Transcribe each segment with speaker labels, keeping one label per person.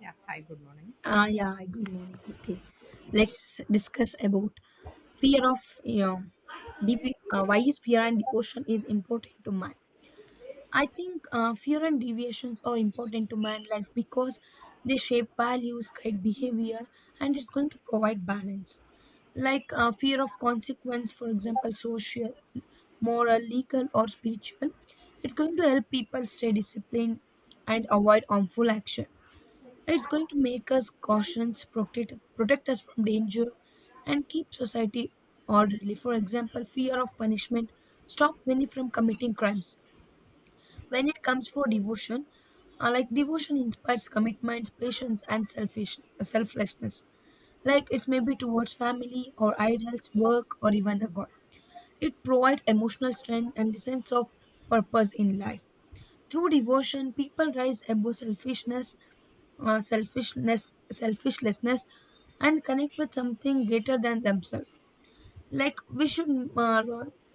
Speaker 1: Yeah. Hi, good morning.
Speaker 2: Yeah. Good morning. Okay, let's discuss about fear of you know, why is fear and devotion is important to man. I think fear and deviations are important to man life because they shape values, guide behavior, and it's going to provide balance. Like fear of consequence, for example, social, moral, legal, or spiritual, it's going to help people stay disciplined and avoid harmful action, it's going to make us cautious, protect us from danger, and keep society orderly. For example, fear of punishment stop many from committing crimes. When it comes for devotion, like devotion inspires commitments, patience, and selfish selflessness. Like it's maybe towards family or idols, work, or even the God. It provides emotional strength and the sense of purpose in life. Through devotion, people rise above selfishlessness, and connect with something greater than themselves. Like we should uh,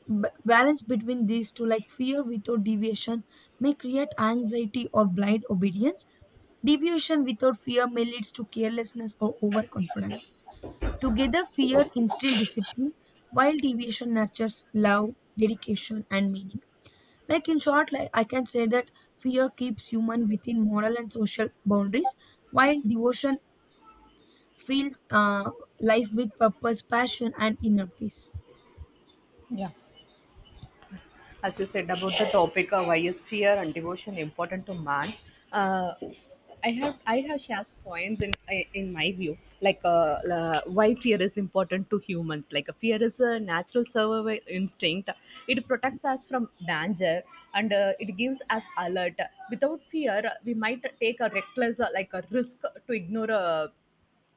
Speaker 2: balance between these two. Like fear without deviation may create anxiety or blind obedience. Deviation without fear may leads to carelessness or overconfidence. Together, fear instills discipline, while deviation nurtures love, dedication, and meaning. Like in short, like I can say that fear keeps human within moral and social boundaries, while devotion fills life with purpose, passion, and inner peace.
Speaker 1: Yeah. As you said about the topic of why is fear and devotion important to man, uh, I have shared points in my view, why fear is important to humans. Fear is a natural survival instinct. It protects us from danger and it gives us alert. Without fear, we might take a reckless like a risk to ignore a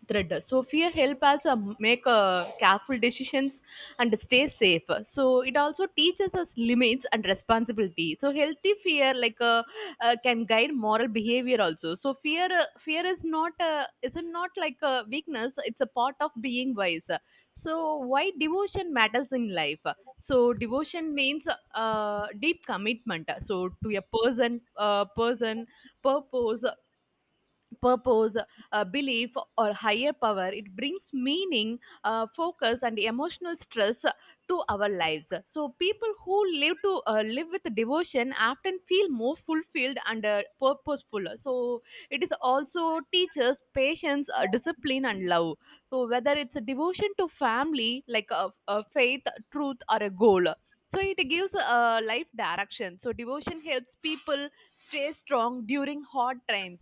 Speaker 1: thread. So fear help us make careful decisions and stay safe. So it also teaches us limits and responsibility. So healthy fear can guide moral behavior also. So fear is not isn't not like a weakness. It's a part of being wise. So why devotion matters in life? So devotion means deep commitment. So to a person, purpose, purpose, belief, or higher power. It brings meaning, focus, and emotional stress to our lives. So people who live with devotion often feel more fulfilled and purposeful. So it is also teaches patience, discipline, and love. So whether it's a devotion to family, like a faith, truth, or a goal. So it gives a life direction. So devotion helps people stay strong during hard times,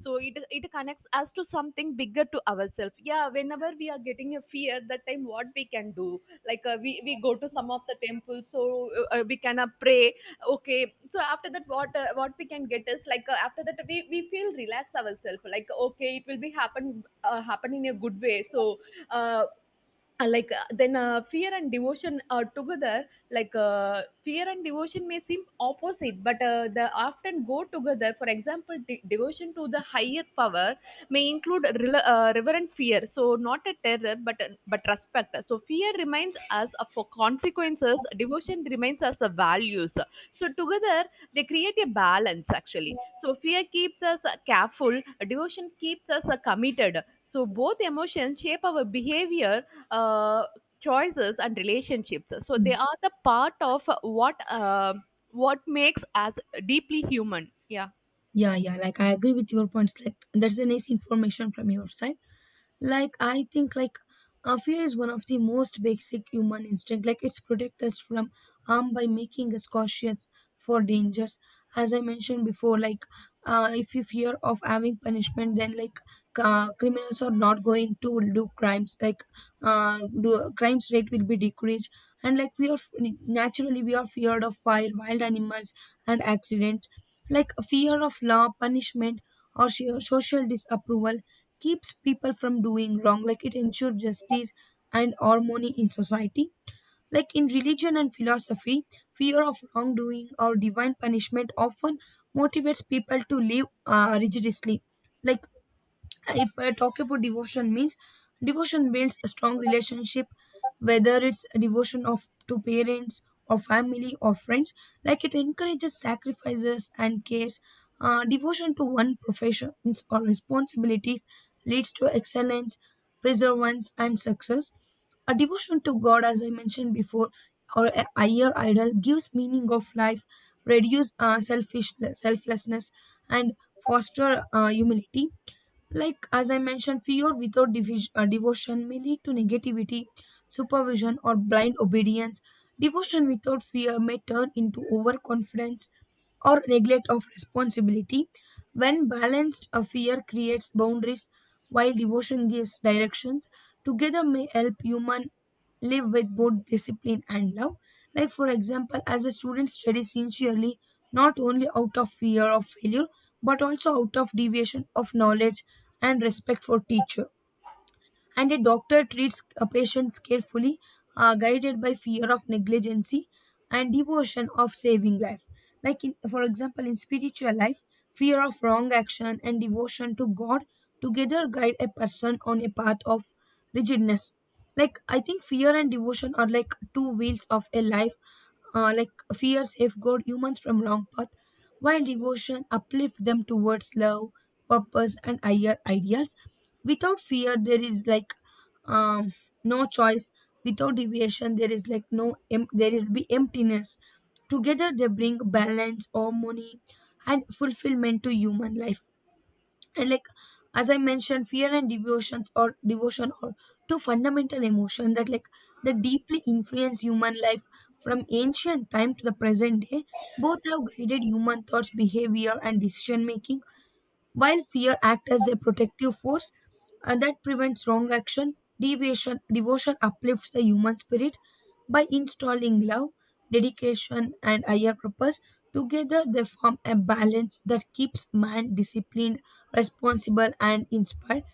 Speaker 1: so it connects us to something bigger to ourselves. Yeah, whenever we are getting a fear, that time what we can do, we go to some of the temples, so we can pray. Okay, so after that, what we can get is after that we feel relax ourselves, like okay, it will be happen happen in a good way. So uh, like then fear and devotion are together. Fear and devotion may seem opposite, but they often go together. For example, devotion to the higher power may include reverent fear, so not a terror but respect. So fear reminds us of for consequences, devotion reminds us of values. So together they create a balance actually. So fear keeps us careful, devotion keeps us committed. So both emotions shape our behavior, uh, choices and relationships. So they
Speaker 2: Mm.
Speaker 1: are the part of what makes us deeply human. Yeah.
Speaker 2: Yeah, yeah. Like I agree with your points. Like that's a nice information from your side. Like I think like fear is one of the most basic human instinct, like it's protect us from harm by making us cautious for dangers. As I mentioned before, like if you fear of having punishment, then like criminals are not going to do crimes, like crimes rate will be decreased. And like naturally we are feared of fire, wild animals, and accident. Like fear of law punishment or sheer social disapproval keeps people from doing wrong, like it ensures justice and harmony in society. Like in religion and philosophy, fear of wrongdoing or divine punishment often motivates people to live rigorously. Like if I talk about devotion means devotion builds a strong relationship, whether it's a devotion of to parents or family or friends, like it encourages sacrifices and cares. Devotion to one profession or responsibilities leads to excellence, perseverance, and success. A devotion to god, as I mentioned before, or a higher idol gives meaning of life, reduce selfish selflessness, and foster humility. Like, as I mentioned, fear without devotion may lead to negativity, supervision, or blind obedience. Devotion without fear may turn into overconfidence or neglect of responsibility. When balanced, a fear creates boundaries, while devotion gives directions. Together may help human live with both discipline and love. Like, for example, as a student studies sincerely, not only out of fear of failure, but also out of deviation of knowledge and respect for teacher. And a doctor treats a patients carefully, guided by fear of negligency and devotion of saving life. Like in, for example, in spiritual life, fear of wrong action and devotion to God together guide a person on a path of rigidness. Like I think fear and devotion are like two wheels of a life, like fear safeguard humans from wrong path, while devotion uplift them towards love, purpose, and ideals. Without fear there is like um, no choice. Without deviation there is like no em- there will be emptiness. Together they bring balance, harmony, and fulfillment to human life. And like, as I mentioned, fear and devotions or devotion are two fundamental emotions that like they deeply influence human life from ancient time to the present day. Both have guided human thoughts, behavior, and decision making. While fear acts as a protective force and that prevents wrong action, deviation, devotion uplifts the human spirit by installing love, dedication, and higher purpose. Together, they form a balance that keeps man disciplined, responsible, and inspired.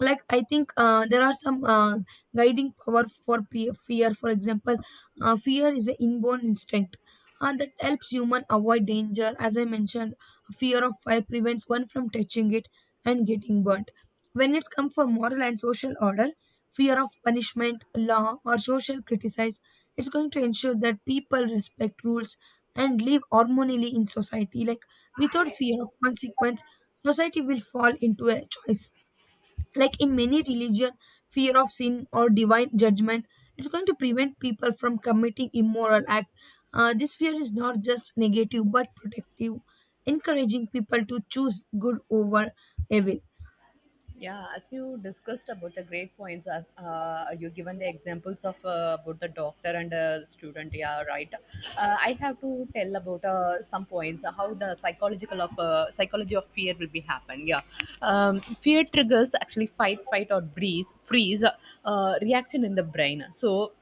Speaker 2: Like I think there are some guiding power for fear. For example, fear is an inborn instinct that helps human avoid danger. As I mentioned, fear of fire prevents one from touching it and getting burnt. When it's come for moral and social order, fear of punishment, law, or social criticize, it's going to ensure that people respect rules and live harmoniously in society. Like without fear of consequence, society will fall into a choice. Like in many religion, fear of sin or divine judgment, it's going to prevent people from committing immoral act. This fear is not just negative but protective, encouraging people to choose good over evil.
Speaker 1: Yeah, as you discussed about the great points, you given the examples of about the doctor and student. Yeah, right. I have to tell about some points, how the psychological of psychology of fear will be happen. Yeah, fear triggers actually freeze reaction in the brain. So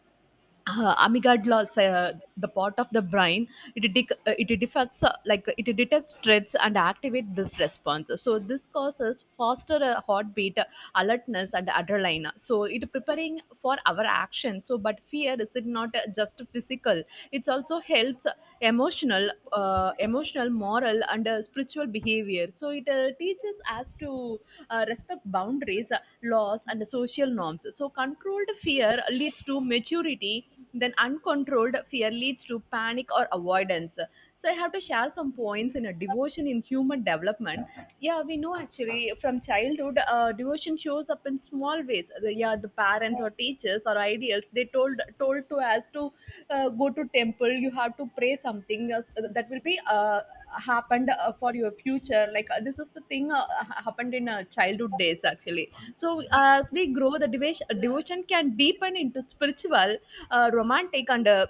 Speaker 1: amygdala is, the part of the brain, it it defects like it detects threats and activate this response. So this causes faster heartbeat, alertness and adrenaline, so it preparing for our action. So but fear is it not just physical. It also helps emotional, moral and spiritual behavior. So it teaches us to respect boundaries, laws and social norms. So, controlled fear leads to maturity, then uncontrolled fear leads to panic or avoidance. So, I have to share some points in a devotion in human development. Yeah, we know actually from childhood, devotion shows up in small ways. The, yeah, the parents or teachers or ideals they told to us to go to temple. You have to pray something that will be. Happened for your future. This is the thing happened in childhood days actually. So as we grow, the devotion can deepen into spiritual, romantic and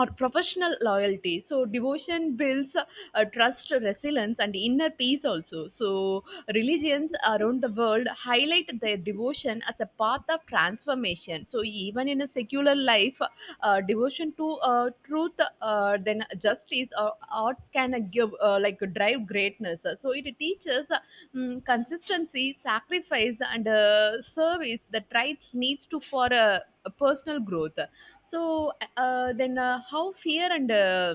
Speaker 1: or professional loyalty. So devotion builds trust, resilience and inner peace also. So religions around the world highlight their devotion as a path of transformation. So even in a secular life, devotion to truth, then justice or art can give like drive greatness. So it teaches consistency, sacrifice and service, that traits needs to for personal growth. So then how fear and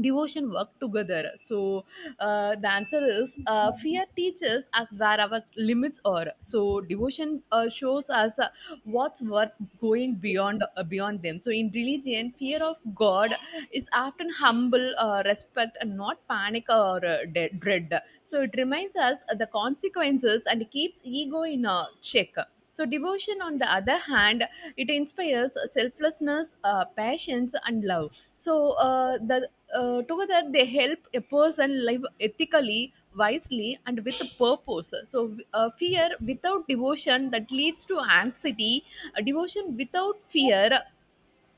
Speaker 1: devotion work together. So the answer is, fear teaches us where our limits are. So devotion shows us what's worth going beyond beyond them. So in religion, fear of God is often humble respect and not panic or dread. So it reminds us the consequences and keeps ego in check. So devotion, on the other hand, it inspires selflessness, patience, and love. So the together they help a person live ethically, wisely, and with a purpose. So fear without devotion that leads to anxiety. Devotion without fear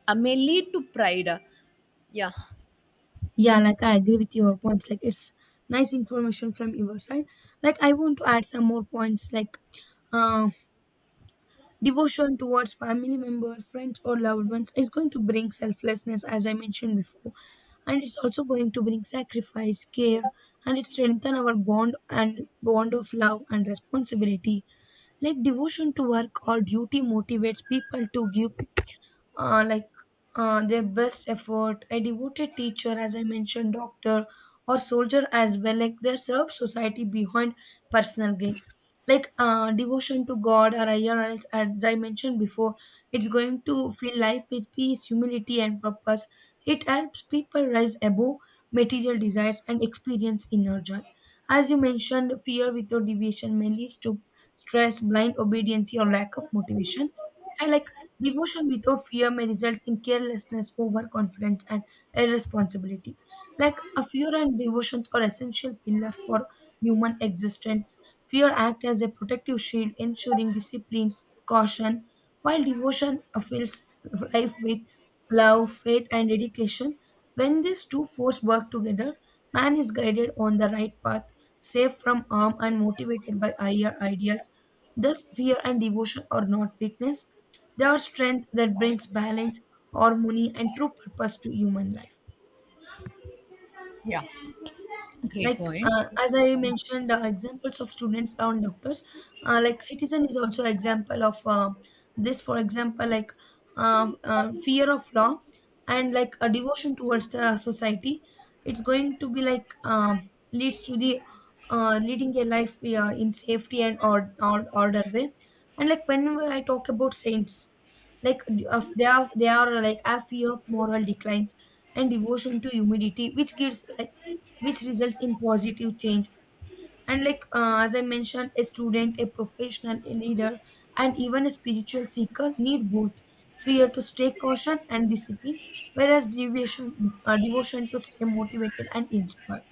Speaker 1: may lead to pride. Yeah.
Speaker 2: Yeah, like I agree with your points, like it's nice information from your side. Like I want to add some more points like uh, devotion towards family member, friends, or loved ones is going to bring selflessness, as I mentioned before, and it's also going to bring sacrifice, care, and it strengthen our bond and bond of love and responsibility. Like devotion to work or duty motivates people to give uh, like their best effort. A devoted teacher, as I mentioned, doctor or soldier as well, like they serve society behind personal gain. Like devotion to God or higher else, as I mentioned before, it's going to fill life with peace, humility, and purpose. It helps people rise above material desires and experience inner joy. As you mentioned, fear without deviation may lead to stress, blind obedience, or lack of motivation. I like devotion without fear may result in carelessness, overconfidence, and irresponsibility. Like a fear and devotions are essential pillar for human existence. Fear acts as a protective shield, ensuring discipline, caution, while devotion fills life with love, faith, and dedication. When these two forces work together, man is guided on the right path, safe from harm, and motivated by higher ideals. Thus, fear and devotion are not weakness, they are strength that brings balance, harmony, and true purpose to human life.
Speaker 1: Yeah, great
Speaker 2: Like
Speaker 1: point.
Speaker 2: as I mentioned examples of students and doctors, like citizen is also example of this. For example, like fear of law and like a devotion towards the society, it's going to be like leads to the leading a life in safety and or order way. And like when I talk about saints, like of they are, they are like a fear of moral declines and devotion to humidity, which gives like which results in positive change. And like as I mentioned, a student, a professional, a leader, and even a spiritual seeker need both fear to stay caution and discipline, whereas devotion to stay motivated and inspired.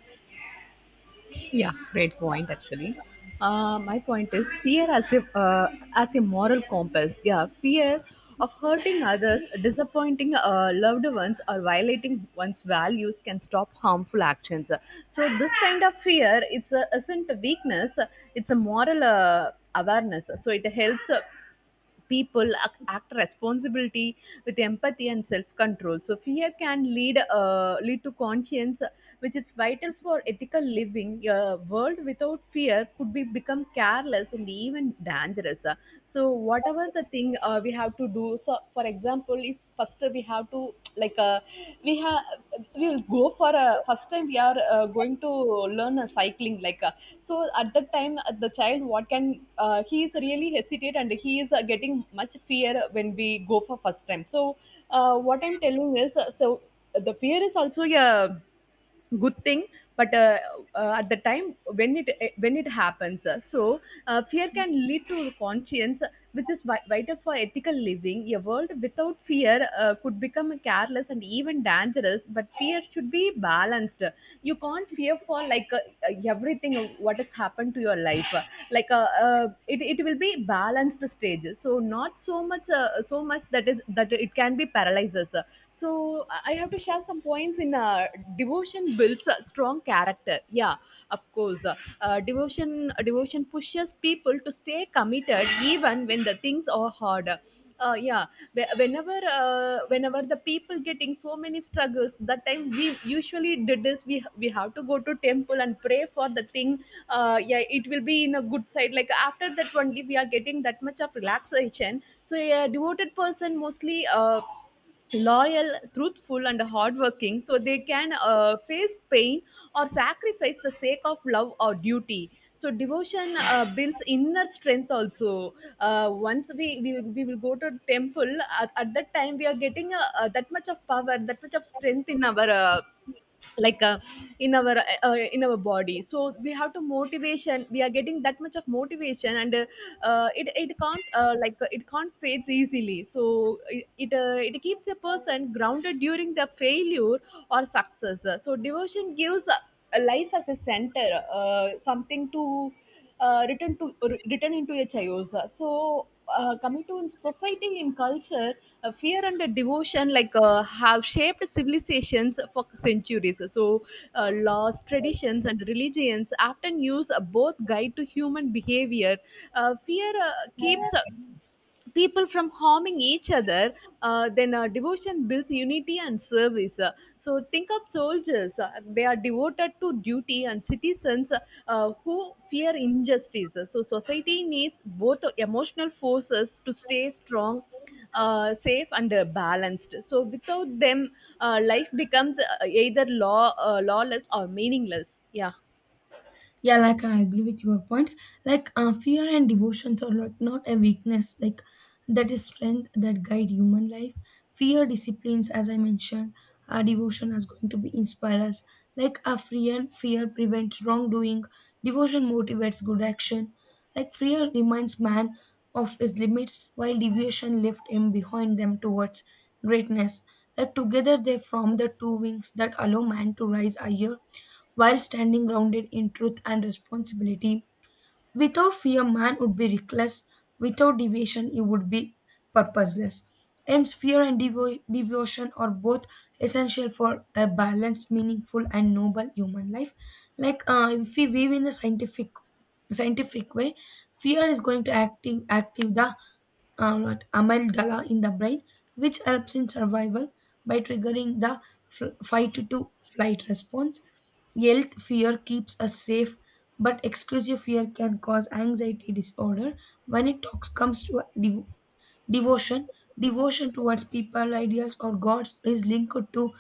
Speaker 1: Yeah, great point actually. My point is fear as a moral compass. Yeah, fear of hurting others, disappointing loved ones, or violating one's values can stop harmful actions. So this kind of fear, it's a, isn't a weakness. It's a moral awareness. So it helps. People act responsibility with empathy and self-control. So fear can lead to conscience, which is vital for ethical living. A world without fear could be become careless and even dangerous. So whatever the thing we have to do. So for example, if first we have to like uh, we have we will go for a first time we are going to learn a cycling, so at that time the child what can he is really hesitate and he is getting much fear when we go for first time. So what I'm telling is, so the fear is also a good thing, but at the time when it happens, fear can lead to conscience, which is vital for ethical living. A world without fear could become careless and even dangerous, but fear should be balanced. You can't fear for everything what has happened to your life. It will be balanced stages, so not so much, so much that is that it can be paralyzes. So I have to share some points in devotion builds a strong character. Yeah, of course, uh, devotion devotion pushes people to stay committed even when the things are hard. Uh, yeah. Whenever whenever the people getting so many struggles, that time we usually did this, we have to go to temple and pray for the thing. Uh, yeah, it will be in a good side, like after that only we are getting that much of relaxation. So a devoted person mostly loyal, truthful, and hardworking, so they can face pain or sacrifice the sake of love or duty. So devotion builds inner strength also. Once we will go to temple, at that time we are getting that much of power, that much of strength in our like uh, in our in our body. So we have to motivation, we are getting that much of motivation and it it can't like it can't fades easily. So it keeps a person grounded during the failure or success. So devotion gives life as a center, something to written into a chayosa. So coming to society and culture, fear and the devotion have shaped civilizations for centuries. So laws, traditions, and religions often use both guide to human behavior. Fear keeps people from harming each other, then devotion builds unity and service. So think of soldiers; they are devoted to duty, and citizens who fear injustice. So society needs both emotional forces to stay strong. Safe and balanced. So without them, life becomes either lawless or meaningless. Yeah.
Speaker 2: Yeah, like I agree with your points. Like fear and devotions are like not a weakness, like that is strength that guide human life. Fear disciplines, as I mentioned, our devotion is going to be inspire us, like a free and fear prevents wrongdoing, devotion motivates good action. Like fear reminds man of his limits, while devotion left him behind them towards greatness. Like together they form the two wings that allow man to rise higher while standing grounded in truth and responsibility. Without fear, man would be reckless. Without devotion, he would be purposeless. Hence, fear and devotion are both essential for a balanced, meaningful, and noble human life. Like if we weave in the scientific way, fear is going to active the amygdala in the brain, which helps in survival by triggering the fight to flight response. Health fear keeps us safe, but exclusive fear can cause anxiety disorder when it comes to devotion. Devotion towards people, ideals, or gods is linked to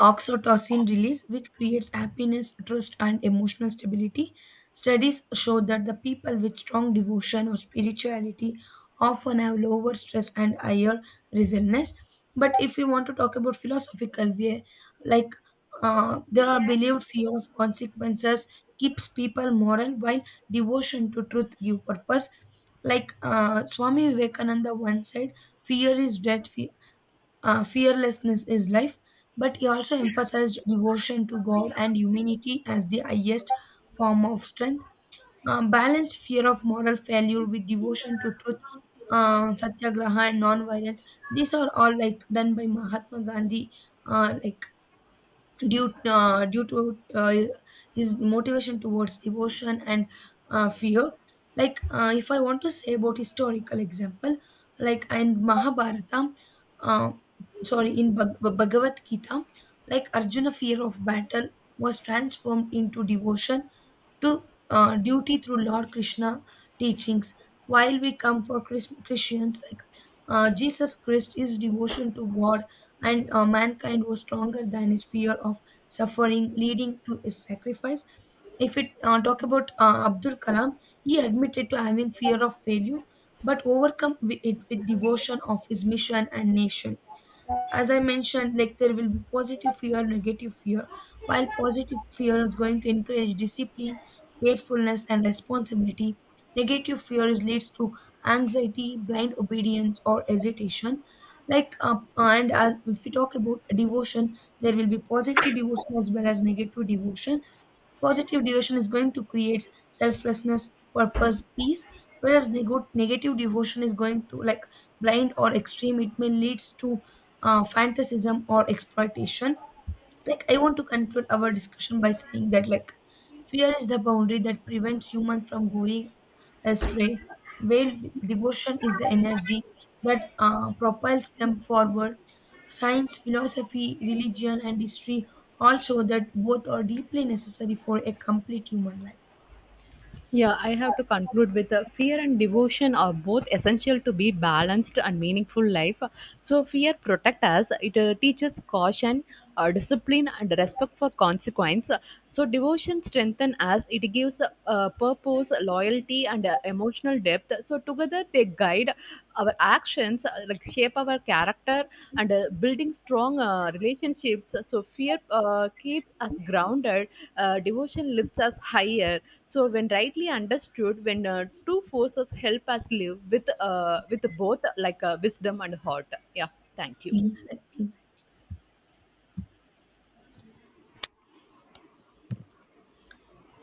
Speaker 2: oxytocin release, which creates happiness, trust, and emotional stability. Studies show that the people with strong devotion or spirituality often have lower stress and higher resilience. But if we want to talk about philosophical way, like there are believed fear of consequences keeps people moral, while devotion to truth give purpose. Like Swami Vivekananda once said, "Fear is death, fearlessness is life," but he also emphasized devotion to God and humanity as the highest form of strength. Balanced fear of moral failure with devotion to truth, satyagraha, and non-violence. These are all like done by Mahatma Gandhi, like due due to his motivation towards devotion and fear. Like if I want to say about historical example, like in mahabharata, uh, sorry, in bhagavad gita, like arjuna fear of battle was transformed into devotion to duty through Lord Krishna teachings. While we come for Christians, like Jesus Christ, his devotion to God and mankind was stronger than his fear of suffering, leading to his sacrifice. If it talk about Abdul Kalam, he admitted to having fear of failure, but overcome it with devotion of his mission and nation. As I mentioned, like there will be positive fear, negative fear. While positive fear is going to encourage discipline, gratefulness, and responsibility, negative fear is leads to anxiety, blind obedience, or hesitation. Like and as, if we talk about devotion, there will be positive devotion as well as negative devotion. Positive devotion is going to create selflessness, purpose, peace, whereas negative devotion is going to like blind or extreme, it may leads to fantasism or exploitation. Like I want to conclude our discussion by saying that like fear is the boundary that prevents humans from going astray, while devotion is the energy that propels them forward. Science, philosophy, religion, and history all show that both are deeply necessary for a complete human life.
Speaker 1: Yeah, I have to conclude with fear and devotion are both essential to be balanced and meaningful life. So fear protects us. It teaches caution, discipline, and respect for consequence. So devotion strengthens us. It gives purpose, loyalty, and emotional depth. So together they guide our actions, like shape our character, and building strong relationships. So fear keeps us grounded. Devotion lifts us higher. So when rightly understood, when two forces help us live with both wisdom and heart. Yeah. Thank you.
Speaker 2: Yeah, like,